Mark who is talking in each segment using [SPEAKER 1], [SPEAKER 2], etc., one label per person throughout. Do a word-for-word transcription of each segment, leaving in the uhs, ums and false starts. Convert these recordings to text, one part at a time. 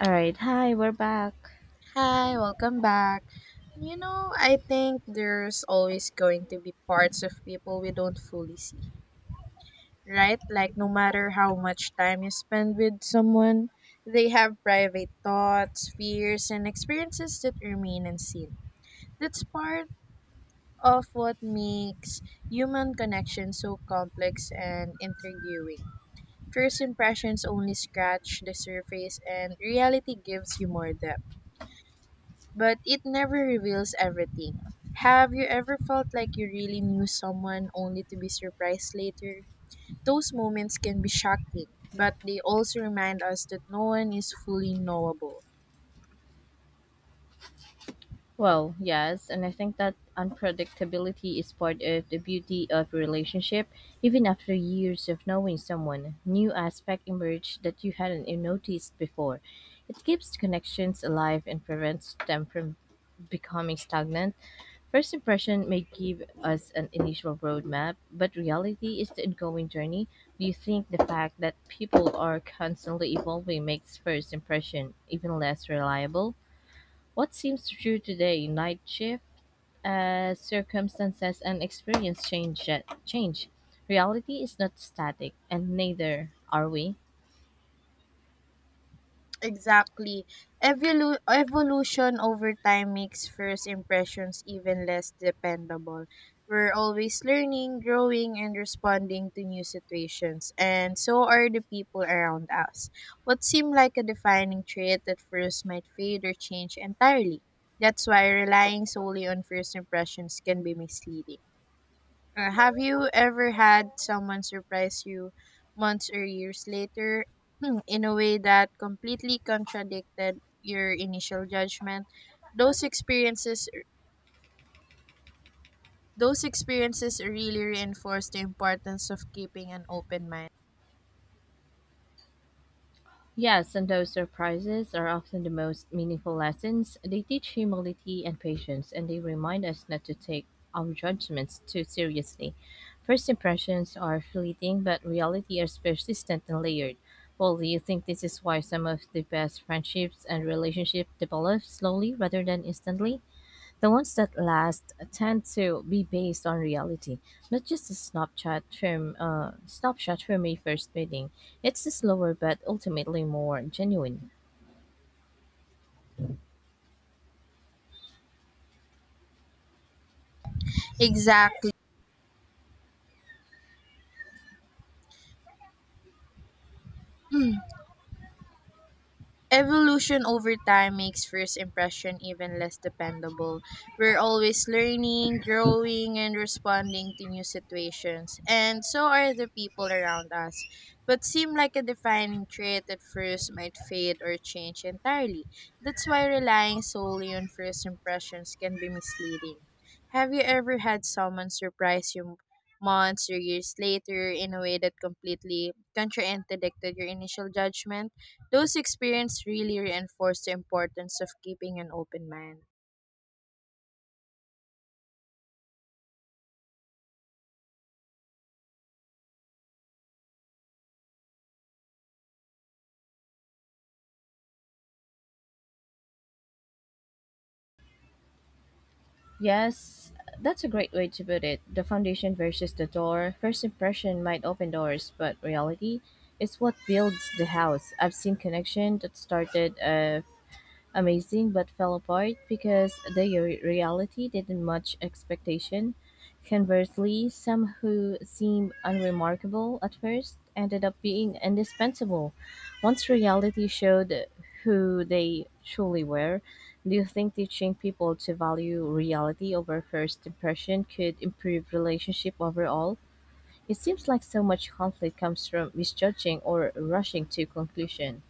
[SPEAKER 1] All right, hi, we're back.
[SPEAKER 2] Hi, welcome back. You know, I think there's always going to be parts of people we don't fully see, right? Like, no matter how much time you spend with someone, they have private thoughts, fears, and experiences that remain unseen. That's part of what makes human connection so complex and intriguing. First impressions only scratch the surface, and reality gives you more depth, but it never reveals everything. Have you ever felt like you really knew someone only to be surprised later? Those moments can be shocking, but they also remind us that no one is fully knowable.
[SPEAKER 1] Well, yes, and I think that unpredictability is part of the beauty of a relationship. Even after years of knowing someone, new aspect emerge that you hadn't even noticed before. It keeps connections alive and prevents them from becoming stagnant. First impression may give us an initial roadmap, but reality is the ongoing journey. Do you think the fact that people are constantly evolving makes first impression even less reliable? What seems true today, night shift, as circumstances and experience change, change. Reality is not static, and neither are we.
[SPEAKER 2] Exactly. Evolu- evolution over time makes first impressions even less dependable. We're always learning, growing, and responding to new situations, and so are the people around us. What seemed like a defining trait at first might fade or change entirely. That's why relying solely on first impressions can be misleading. Uh, have you ever had someone surprise you months or years later in a way that completely contradicted your initial judgment? Those experiences those experiences really reinforce the importance of keeping an open mind.
[SPEAKER 1] Yes, and those surprises are often the most meaningful lessons. They teach humility and patience, and they remind us not to take our judgments too seriously. First impressions are fleeting, but reality is persistent and layered. Well, do you think this is why some of the best friendships and relationships develop slowly rather than instantly? The ones that last tend to be based on reality, not just a snapshot from uh, snapshot from a first meeting. It's a slower but ultimately more genuine.
[SPEAKER 2] Exactly. Evolution over time makes first impression even less dependable. We're always learning, growing, and responding to new situations, and so are the people around us. What seemed like a defining trait at first might fade or change entirely. That's why relying solely on first impressions can be misleading. Have you ever had someone surprise you months or years later in a way that completely contradicted your initial judgment? Those experiences really reinforce the importance of keeping an open mind.
[SPEAKER 1] Yes, that's a great way to put it. The foundation versus the door. First impression might open doors, but reality is what builds the house. I've seen connection that started uh, amazing but fell apart because the re- reality didn't match expectation. Conversely, some who seemed unremarkable at first ended up being indispensable once reality showed who they truly were. Do you think teaching people to value reality over first impression could improve relationship overall? It seems like so much conflict comes from misjudging or rushing to conclusion.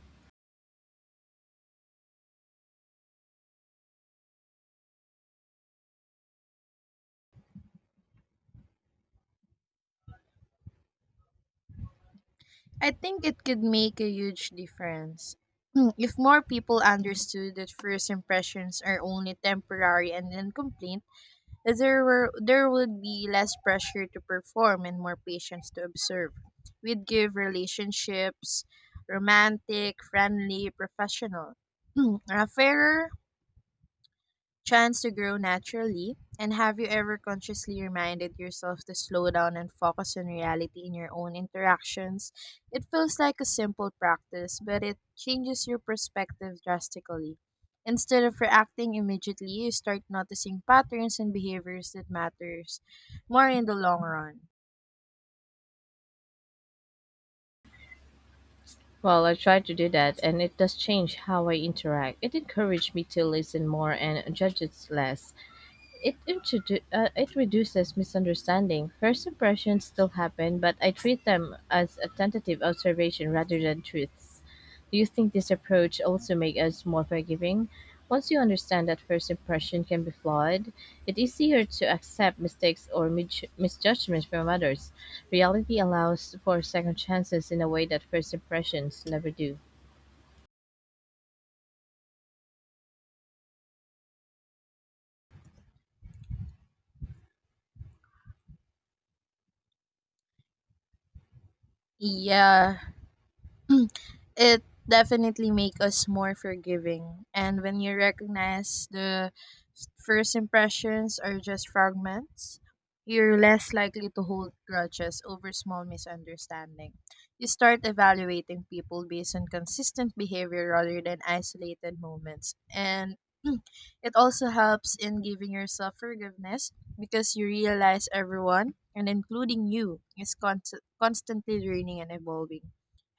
[SPEAKER 2] I think it could make a huge difference. If more people understood that first impressions are only temporary and incomplete, there were there would be less pressure to perform and more patience to observe. We'd give relationships, romantic, friendly, professional, a fairer chance to grow naturally. And have you ever consciously reminded yourself to slow down and focus on reality in your own interactions? It feels like a simple practice, but it changes your perspective drastically. Instead of reacting immediately, you start noticing patterns and behaviors that matters more in the long run.
[SPEAKER 1] Well, I try to do that, and it does change how I interact. It encourages me to listen more and judges less. It introdu- uh, it reduces misunderstanding. First impressions still happen, but I treat them as a tentative observation rather than truths. Do you think this approach also makes us more forgiving? Once you understand that first impression can be flawed, it's easier to accept mistakes or mid- misjudgments from others. Reality allows for second chances in a way that first impressions never do.
[SPEAKER 2] Yeah, it definitely make us more forgiving, and when you recognize the first impressions are just fragments, you're less likely to hold grudges over small misunderstanding. You start evaluating people based on consistent behavior rather than isolated moments, and it also helps in giving yourself forgiveness, because you realize everyone and including you is const- constantly learning and evolving.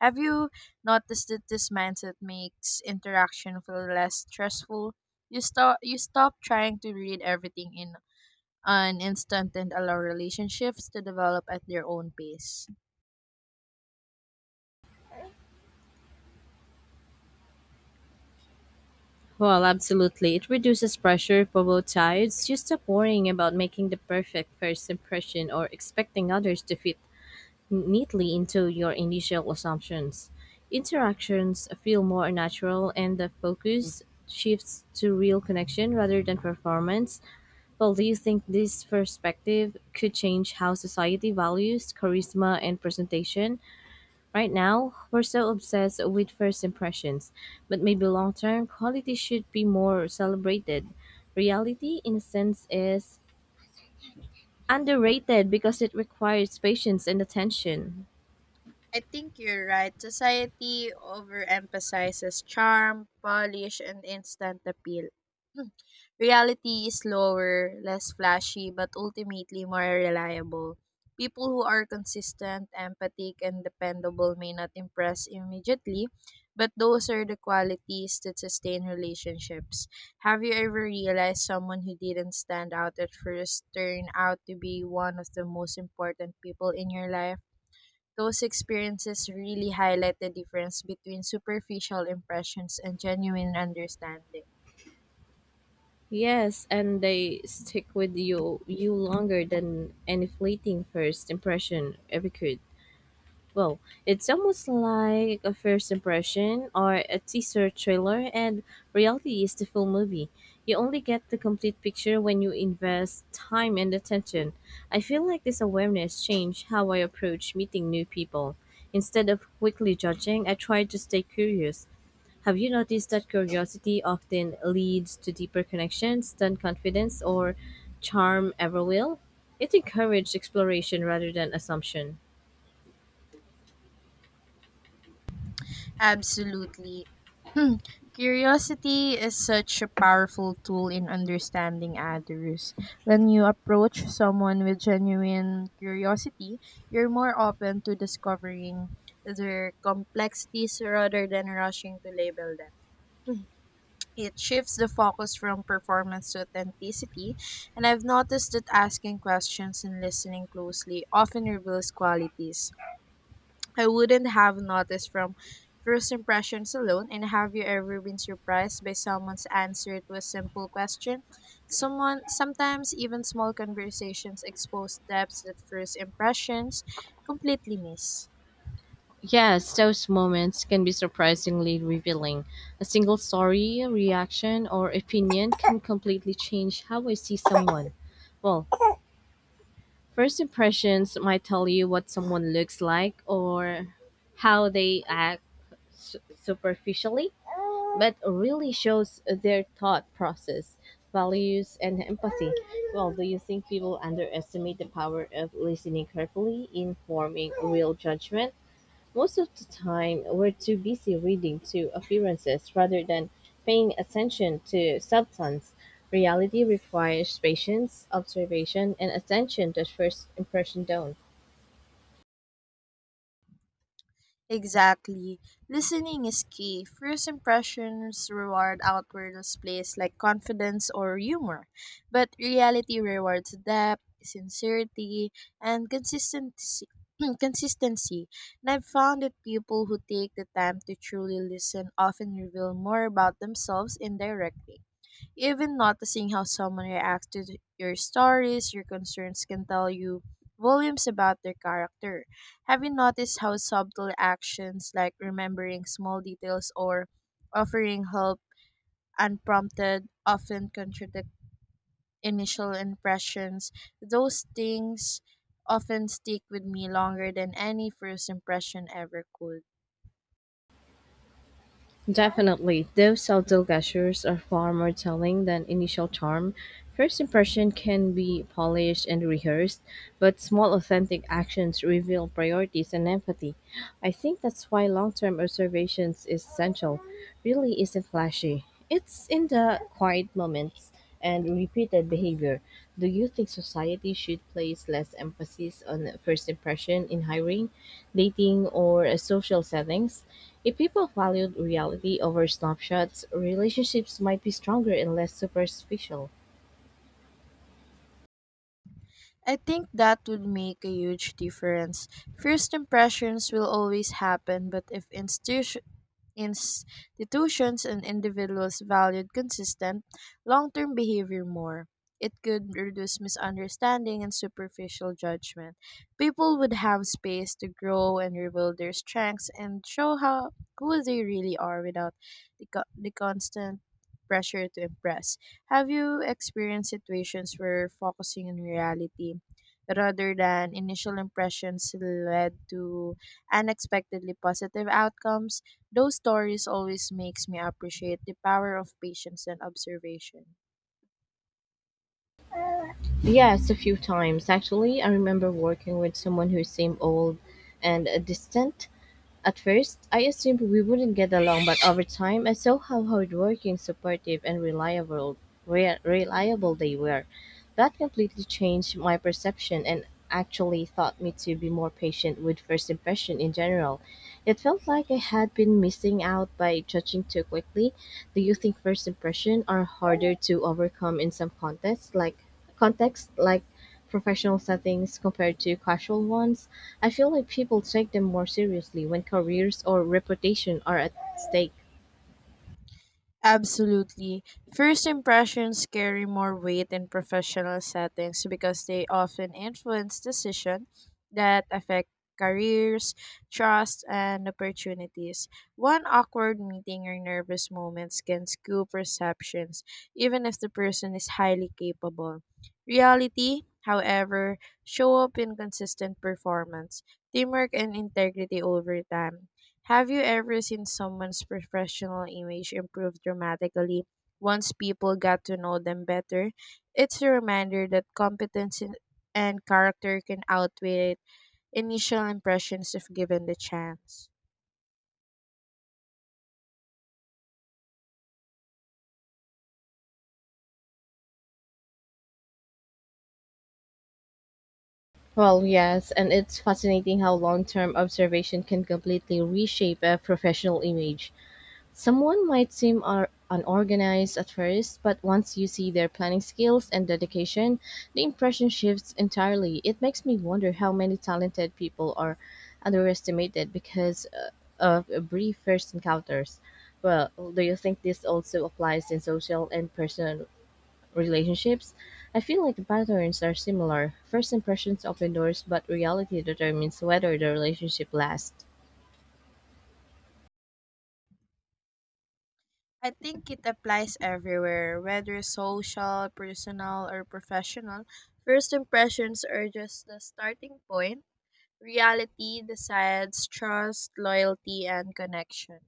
[SPEAKER 2] Have you Notice that this mindset makes interaction feel less stressful? You stop you stop trying to read everything in an instant and allow relationships to develop at their own pace.
[SPEAKER 1] Well, absolutely. It reduces pressure for both sides. You stop worrying about making the perfect first impression or expecting others to fit neatly into your initial assumptions. Interactions feel more natural and the focus shifts to real connection rather than performance. Well, do you think this perspective could change how society values charisma and presentation? Right now, we're so obsessed with first impressions, but maybe long term quality should be more celebrated. Reality, in a sense, is underrated because it requires patience and attention.
[SPEAKER 2] I think you're right. Society overemphasizes charm, polish, and instant appeal. Reality is slower, less flashy, but ultimately more reliable. People who are consistent, empathic, and dependable may not impress immediately, but those are the qualities that sustain relationships. Have you ever realized someone who didn't stand out at first turned out to be one of the most important people in your life? Those experiences really highlight the difference between superficial impressions and genuine understanding.
[SPEAKER 1] Yes, and they stick with you you longer than any fleeting first impression ever could. Well, it's almost like a first impression or a teaser trailer, and reality is the full movie. You only get the complete picture when you invest time and attention. I feel like this awareness changed how I approach meeting new people. Instead of quickly judging, I try to stay curious. Have you noticed that curiosity often leads to deeper connections than confidence or charm ever will? It encourages exploration rather than assumption.
[SPEAKER 2] Absolutely. Hmm. Curiosity is such a powerful tool in understanding others. When you approach someone with genuine curiosity, you're more open to discovering their complexities rather than rushing to label them. Hmm. It shifts the focus from performance to authenticity, and I've noticed that asking questions and listening closely often reveals qualities I wouldn't have noticed from first impressions alone. And have you ever been surprised by someone's answer to a simple question? Someone Sometimes even small conversations expose depths that first impressions completely miss.
[SPEAKER 1] Yes, those moments can be surprisingly revealing. A single story, reaction, or opinion can completely change how I see someone. Well, first impressions might tell you what someone looks like or how they act su- superficially, but really shows their thought process, values, and empathy. Well, do you think people underestimate the power of listening carefully in forming real judgment? Most of the time, we're too busy reading to appearances rather than paying attention to substance. Reality requires patience, observation, and attention that first impression don't.
[SPEAKER 2] Exactly. Listening is key. First impressions reward outward displays like confidence or humor, but reality rewards depth, sincerity, and consistency. consistency. And I've found that people who take the time to truly listen often reveal more about themselves indirectly. Even noticing how someone reacts to th- your stories, your concerns can tell you volumes about their character. Have you noticed how subtle actions like remembering small details or offering help unprompted often contradict initial impressions? Those things often stick with me longer than any first impression ever could.
[SPEAKER 1] Definitely, those subtle gestures are far more telling than initial charm. First impression can be polished and rehearsed, but small authentic actions reveal priorities and empathy. I think that's why long-term observations is essential. Really isn't flashy. It's in the quiet moments and repeated behavior. Do you think society should place less emphasis on first impression in hiring, dating, or uh, social settings? If people valued reality over snapshots, relationships might be stronger and less superficial.
[SPEAKER 2] I think that would make a huge difference. First impressions will always happen, but if institu- institutions and individuals valued consistent, long term behavior more, it could reduce misunderstanding and superficial judgment. People would have space to grow and reveal their strengths and show how who they really are without the, co- the constant pressure to impress. Have you experienced situations where focusing on reality rather than initial impressions led to unexpectedly positive outcomes? Those stories always makes me appreciate the power of patience and observation.
[SPEAKER 1] Yes, a few times actually. I remember working with someone who seemed old and uh, distant. At first, I assumed we wouldn't get along, but over time, I saw how hardworking, supportive, and reliable re- reliable they were. That completely changed my perception and actually taught me to be more patient with first impression in general. It felt like I had been missing out by judging too quickly. Do you think first impression are harder to overcome in some contests, like contexts like professional settings compared to casual ones. I feel like people take them more seriously when careers or reputation are at stake.
[SPEAKER 2] Absolutely. First impressions carry more weight in professional settings because they often influence decisions that affect careers, trust, and opportunities. One awkward meeting or nervous moments can skew perceptions, even if the person is highly capable. Reality, however, show up in consistent performance, teamwork, and integrity over time. Have you ever seen someone's professional image improve dramatically once people got to know them better? It's a reminder that competence in- and character can outweigh initial impressions if given the chance.
[SPEAKER 1] Well, yes, and it's fascinating how long term observation can completely reshape a professional image. Someone might seem ar- unorganized at first, but once you see their planning skills and dedication, the impression shifts entirely. It makes me wonder how many talented people are underestimated because uh, of a brief first encounters. Well, do you think this also applies in social and personal relationships? I feel like the patterns are similar. First impressions open doors, but reality determines whether the relationship lasts.
[SPEAKER 2] I think it applies everywhere, whether social, personal, or professional. First impressions are just the starting point. Reality decides trust, loyalty, and connection.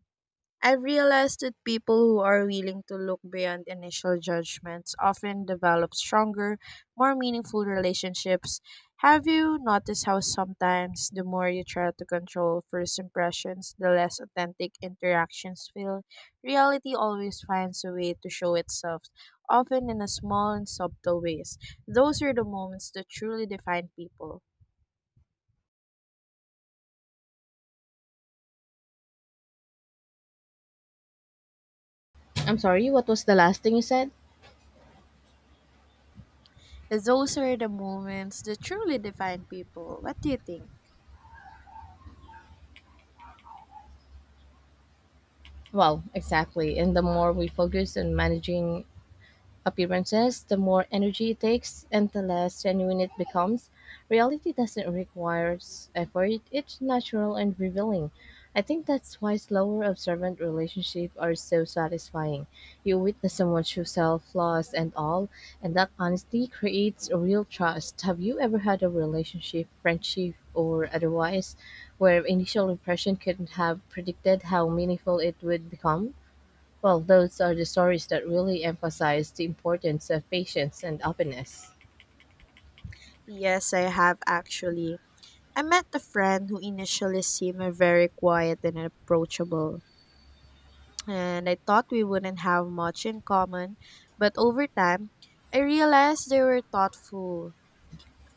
[SPEAKER 2] I've realized that people who are willing to look beyond initial judgments often develop stronger, more meaningful relationships. Have you noticed how sometimes the more you try to control first impressions, the less authentic interactions feel? Reality always finds a way to show itself, often in a small and subtle ways. Those are the moments that truly define people.
[SPEAKER 1] I'm sorry, what was the last thing you said?
[SPEAKER 2] Those are the moments that truly define people. What do you think?
[SPEAKER 1] Well, exactly. And the more we focus on managing appearances, the more energy it takes and the less genuine it becomes. Reality doesn't require s- effort, it's natural and revealing. I think that's why slower observant relationships are so satisfying. You witness someone's true self, flaws, and all, and that honesty creates a real trust. Have you ever had a relationship, friendship, or otherwise, where initial impression couldn't have predicted how meaningful it would become? Well, those are the stories that really emphasize the importance of patience and openness.
[SPEAKER 2] Yes, I have actually. I met a friend who initially seemed very quiet and approachable, and I thought we wouldn't have much in common, but over time, I realized they were thoughtful,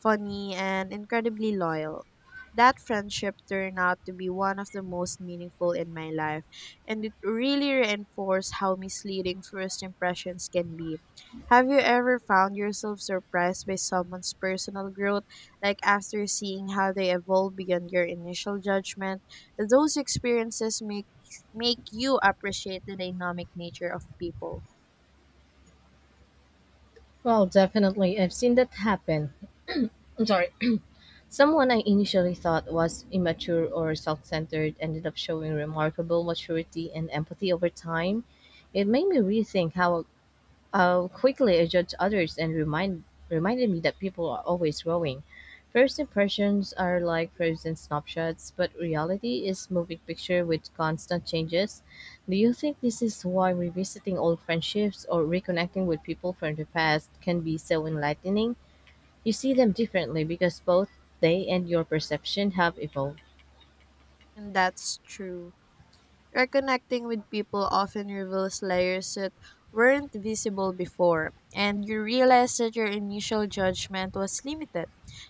[SPEAKER 2] funny, and incredibly loyal. That friendship turned out to be one of the most meaningful in my life, and it really reinforced how misleading first impressions can be. Have you ever found yourself surprised by someone's personal growth, like after seeing how they evolve beyond your initial judgment? Those experiences make make you appreciate the dynamic nature of people.
[SPEAKER 1] Well, definitely, I've seen that happen. I'm sorry. Someone I initially thought was immature or self centered ended up showing remarkable maturity and empathy over time. It made me rethink how I'll quickly adjust others and remind reminded me that people are always growing. First impressions are like frozen snapshots, but reality is moving picture with constant changes. Do you think this is why revisiting old friendships or reconnecting with people from the past can be so enlightening? You see them differently because both they and your perception have evolved.
[SPEAKER 2] And that's true. Reconnecting with people often reveals layers that weren't visible before, and you realize that your initial judgment was limited,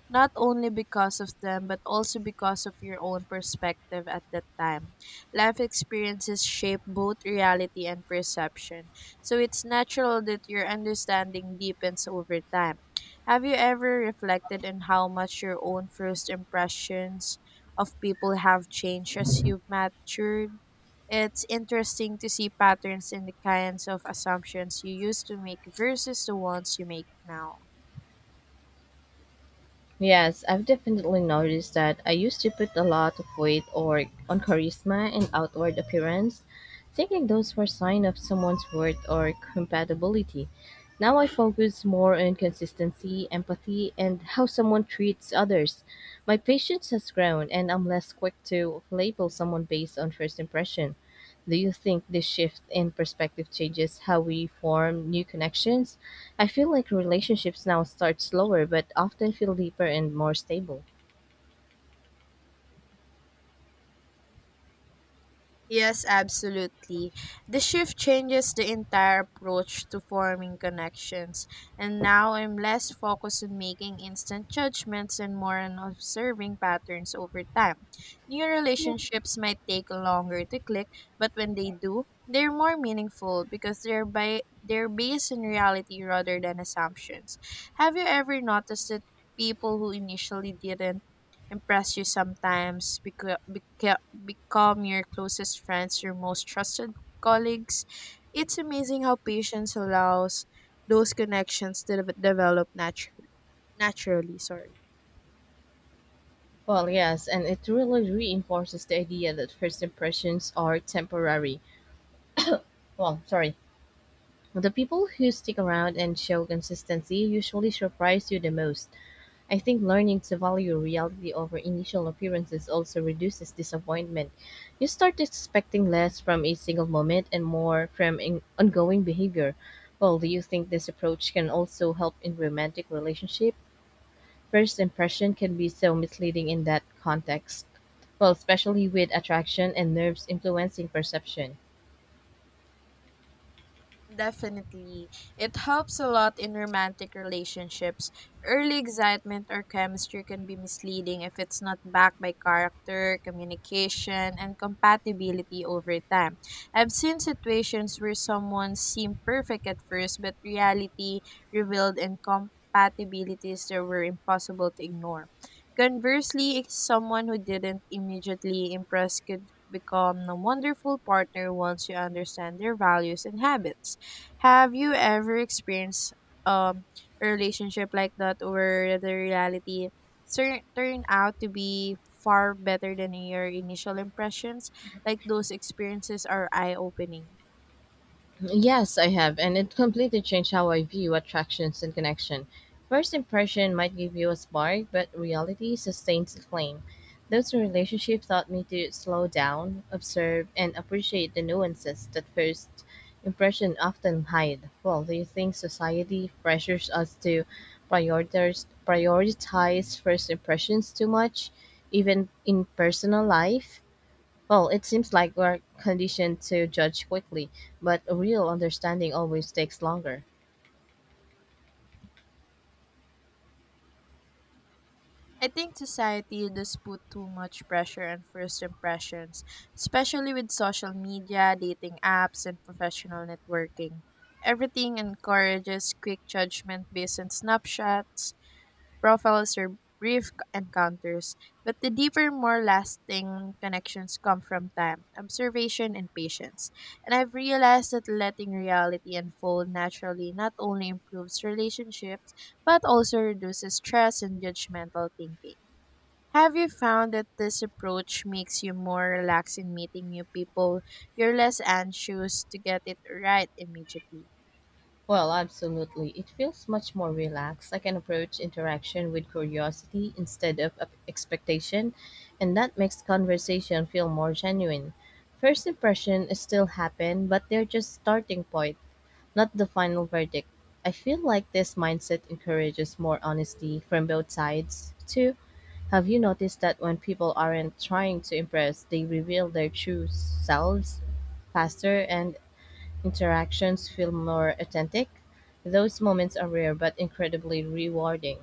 [SPEAKER 2] not only because of them, but also because of your own perspective at that time. Life experiences shape both reality and perception, so it's natural that your understanding deepens over time. Have you ever reflected on how much your own first impressions of people have changed as you've matured? It's interesting to see patterns in the kinds of assumptions you used to make versus the ones you make now.
[SPEAKER 1] Yes, I've definitely noticed that I used to put a lot of weight or on charisma and outward appearance, thinking those were sign of someone's worth or compatibility. Now I focus more on consistency, empathy, and how someone treats others. My patience has grown and I'm less quick to label someone based on first impression. Do you think this shift in perspective changes how we form new connections? I feel like relationships now start slower but often feel deeper and more stable.
[SPEAKER 2] Yes, absolutely. The shift changes the entire approach to forming connections, and now I'm less focused on making instant judgments and more on observing patterns over time. New relationships might take longer to click, but when they do, they're more meaningful because they're by they're based in reality rather than assumptions. Have you ever noticed that people who initially didn't impress you sometimes beca- beca- become your closest friends, your most trusted colleagues? It's amazing how patience allows those connections to de- develop natu- naturally. Sorry.
[SPEAKER 1] Well, yes, and it really reinforces the idea that first impressions are temporary. Well, sorry. The people who stick around and show consistency usually surprise you the most. I think learning to value reality over initial appearances also reduces disappointment. You start expecting less from a single moment and more from in- ongoing behavior. Well, do you think this approach can also help in romantic relationship? First impression can be so misleading in that context, well especially with attraction and nerves influencing perception.
[SPEAKER 2] Definitely. It helps a lot in romantic relationships. Early excitement or chemistry can be misleading if it's not backed by character, communication, and compatibility over time. I've seen situations where someone seemed perfect at first, but reality revealed incompatibilities that were impossible to ignore. Conversely, someone who didn't immediately impress could become a wonderful partner once you understand their values and habits. Have you ever experienced um a relationship like that where the reality tur- turned out to be far better than your initial impressions? Like those experiences are eye opening.
[SPEAKER 1] Yes, I have, and it completely changed how I view attractions and connection. First impression might give you a spark, but reality sustains the claim. Those relationships taught me to slow down, observe, and appreciate the nuances that first impression often hide. Well, do you think society pressures us to prioritize prioritize first impressions too much, even in personal life? Well, it seems like we're conditioned to judge quickly, but a real understanding always takes longer.
[SPEAKER 2] I think society does put too much pressure on first impressions, especially with social media, dating apps, and professional networking. Everything encourages quick judgment based on snapshots, profiles are brief c- encounters, but the deeper, more lasting connections come from time, observation, and patience. And I've realized that letting reality unfold naturally not only improves relationships, but also reduces stress and judgmental thinking. Have you found that this approach makes you more relaxed in meeting new people? You're less anxious to get it right immediately.
[SPEAKER 1] Well, absolutely. It feels much more relaxed. I can approach interaction with curiosity instead of of expectation, and that makes conversation feel more genuine. First impression is still happen, but they're just starting point, not the final verdict. I feel like this mindset encourages more honesty from both sides, too. Have you noticed that when people aren't trying to impress, they reveal their true selves faster and interactions feel more authentic? Those moments are rare but incredibly rewarding.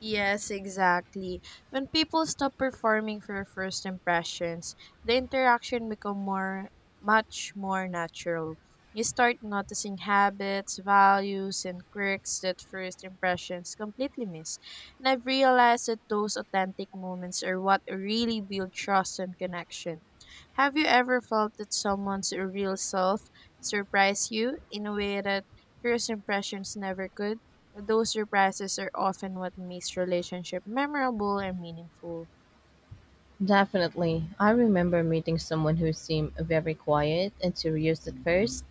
[SPEAKER 2] Yes, exactly. When people stop performing for first impressions, the interaction become more much more natural. You start noticing habits, values, and quirks that first impressions completely miss. And I've realized that those authentic moments are what really build trust and connection. Have you ever felt that someone's real self surprised you in a way that first impressions never could? Those surprises are often what makes relationship memorable and meaningful.
[SPEAKER 1] Definitely. I remember meeting someone who seemed very quiet and serious at first,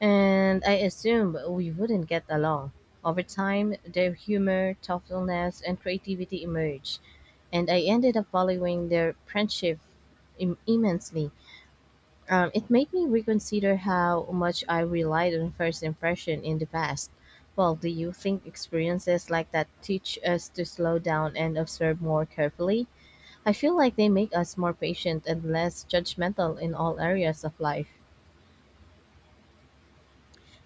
[SPEAKER 1] and I assumed we wouldn't get along. Over time, their humor, thoughtfulness, and creativity emerged, and I ended up valuing their friendship im- immensely. Um, it made me reconsider how much I relied on first impression in the past. Well, do you think experiences like that teach us to slow down and observe more carefully? I feel like they make us more patient and less judgmental in all areas of life.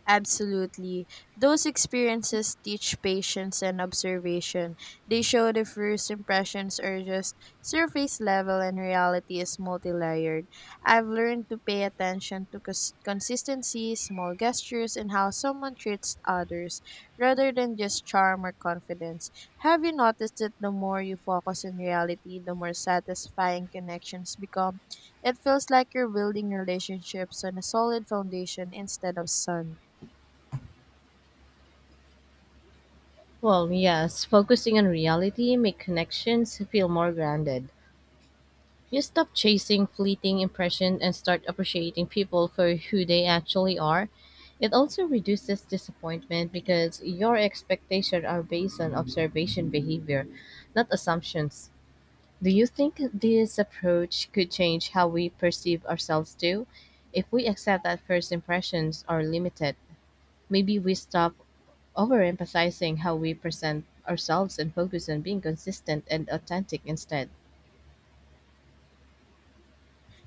[SPEAKER 2] Absolutely. Those experiences teach patience and observation. They show the first impressions are just surface level and reality is multi-layered. I've learned to pay attention to cons- consistency, small gestures, and how someone treats others, rather than just charm or confidence. Have you noticed that the more you focus on reality, the more satisfying connections become? It feels like you're building relationships on a solid foundation instead of sun.
[SPEAKER 1] Well, yes, focusing on reality make connections feel more grounded. You stop chasing fleeting impressions and start appreciating people for who they actually are. It also reduces disappointment because your expectations are based on observation behavior, not assumptions. Do you think this approach could change how we perceive ourselves too? If we accept that first impressions are limited, maybe we stop overemphasizing how we present ourselves and focus on being consistent and authentic instead.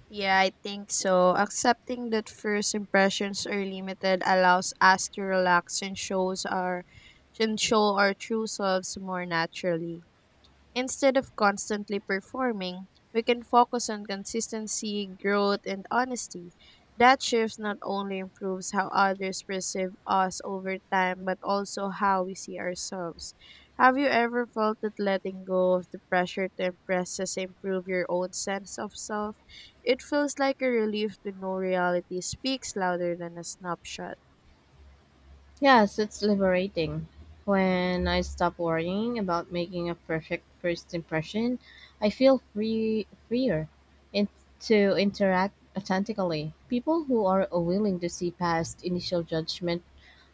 [SPEAKER 2] Yeah, I think so. Accepting that first impressions are limited allows us to relax and shows our and show our true selves more naturally. Instead of constantly performing, we can focus on consistency, growth, and honesty. That shift not only improves how others perceive us over time, but also how we see ourselves. Have you ever felt that letting go of the pressure to impress has improved your own sense of self? It feels like a relief to know reality speaks louder than a snapshot.
[SPEAKER 1] Yes, it's liberating. When I stop worrying about making a perfect first impression, I feel free freer in, to interact authentically. People who are willing to see past initial judgment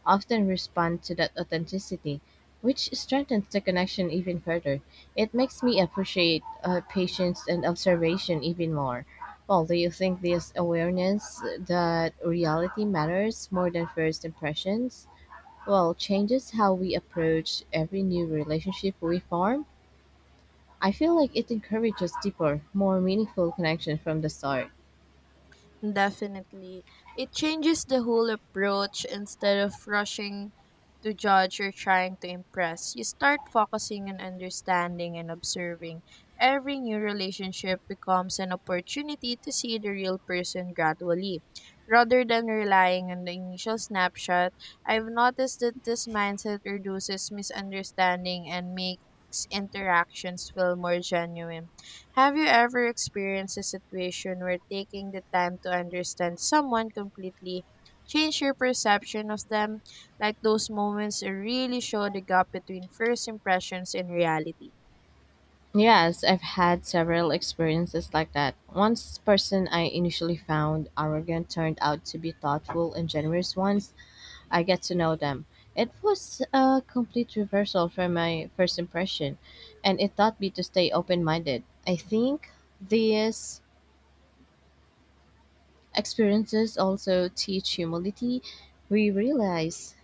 [SPEAKER 1] often respond to that authenticity, which strengthens the connection even further. It makes me appreciate uh, patience and observation even more. Well, do you think this awareness that reality matters more than first impressions? Well, changes how we approach every new relationship we form. I feel like it encourages deeper more meaningful connection from the start.
[SPEAKER 2] Definitely. It changes the whole approach. Instead of rushing to judge or trying to impress, you start focusing on understanding and observing. Every new relationship becomes an opportunity to see the real person gradually. Rather than relying on the initial snapshot, I've noticed that this mindset reduces misunderstanding and makes interactions feel more genuine. Have you ever experienced a situation where taking the time to understand someone completely changed your perception of them? Like those moments really show the gap between first impressions and reality.
[SPEAKER 1] Yes, I've had several experiences like that. One person I initially found arrogant turned out to be thoughtful and generous once I get to know them. It was a complete reversal from my first impression, and it taught me to stay open-minded. I think this experiences also teach humility. We realize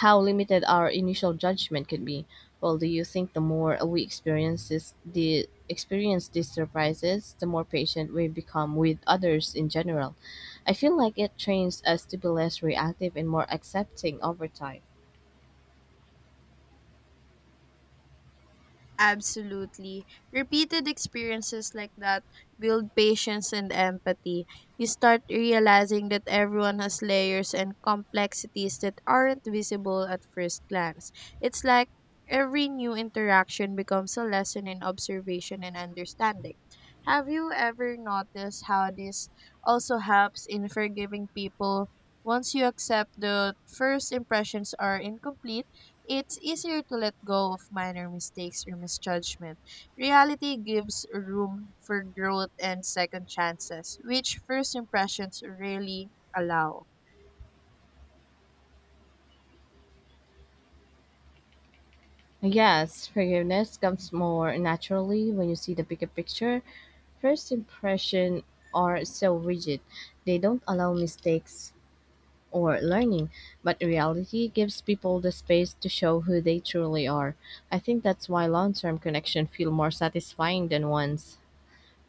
[SPEAKER 1] how limited our initial judgment can be. Well, do you think the more we experience this, the experience these surprises, the more patient we become with others in general? I feel like it trains us to be less reactive and more accepting over time.
[SPEAKER 2] Absolutely. Repeated experiences like that build patience and empathy. You start realizing that everyone has layers and complexities that aren't visible at first glance. It's like every new interaction becomes a lesson in observation and understanding. Have you ever noticed how this also helps in forgiving people? Once you accept the first impressions are incomplete, it's easier to let go of minor mistakes or misjudgment. Reality gives room for growth and second chances, which first impressions rarely allow.
[SPEAKER 1] Yes, forgiveness comes more naturally when you see the bigger picture. First impression are so rigid. They don't allow mistakes or learning, but reality gives people the space to show who they truly are. I think that's why long-term connection feel more satisfying than ones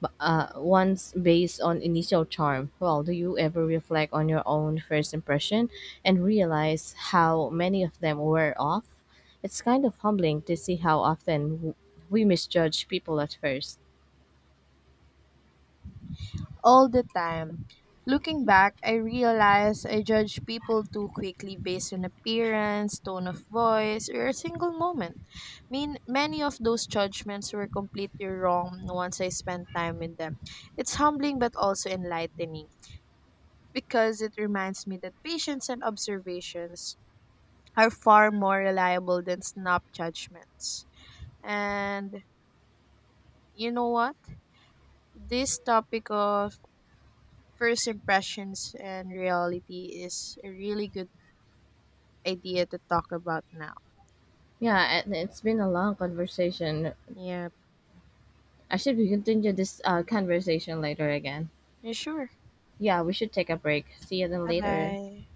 [SPEAKER 1] bu- uh, ones based on initial charm. Well, do you ever reflect on your own first impression and realize how many of them were off? It's kind of humbling to see how often w- we misjudge people at first.
[SPEAKER 2] All the time. Looking back, I realize I judge people too quickly based on appearance, tone of voice, or a single moment. Mean, many of those judgments were completely wrong once I spent time with them. It's humbling but also enlightening, because it reminds me that patience and observations are far more reliable than snap judgments. And you know what? This topic of first impressions and reality is a really good idea to talk about now.
[SPEAKER 1] Yeah, and it's been a long conversation.
[SPEAKER 2] Yeah,
[SPEAKER 1] I should we continue this uh, conversation later again.
[SPEAKER 2] yeah sure.
[SPEAKER 1] Yeah, we should take a break. See you then
[SPEAKER 2] Bye
[SPEAKER 1] later.
[SPEAKER 2] bye.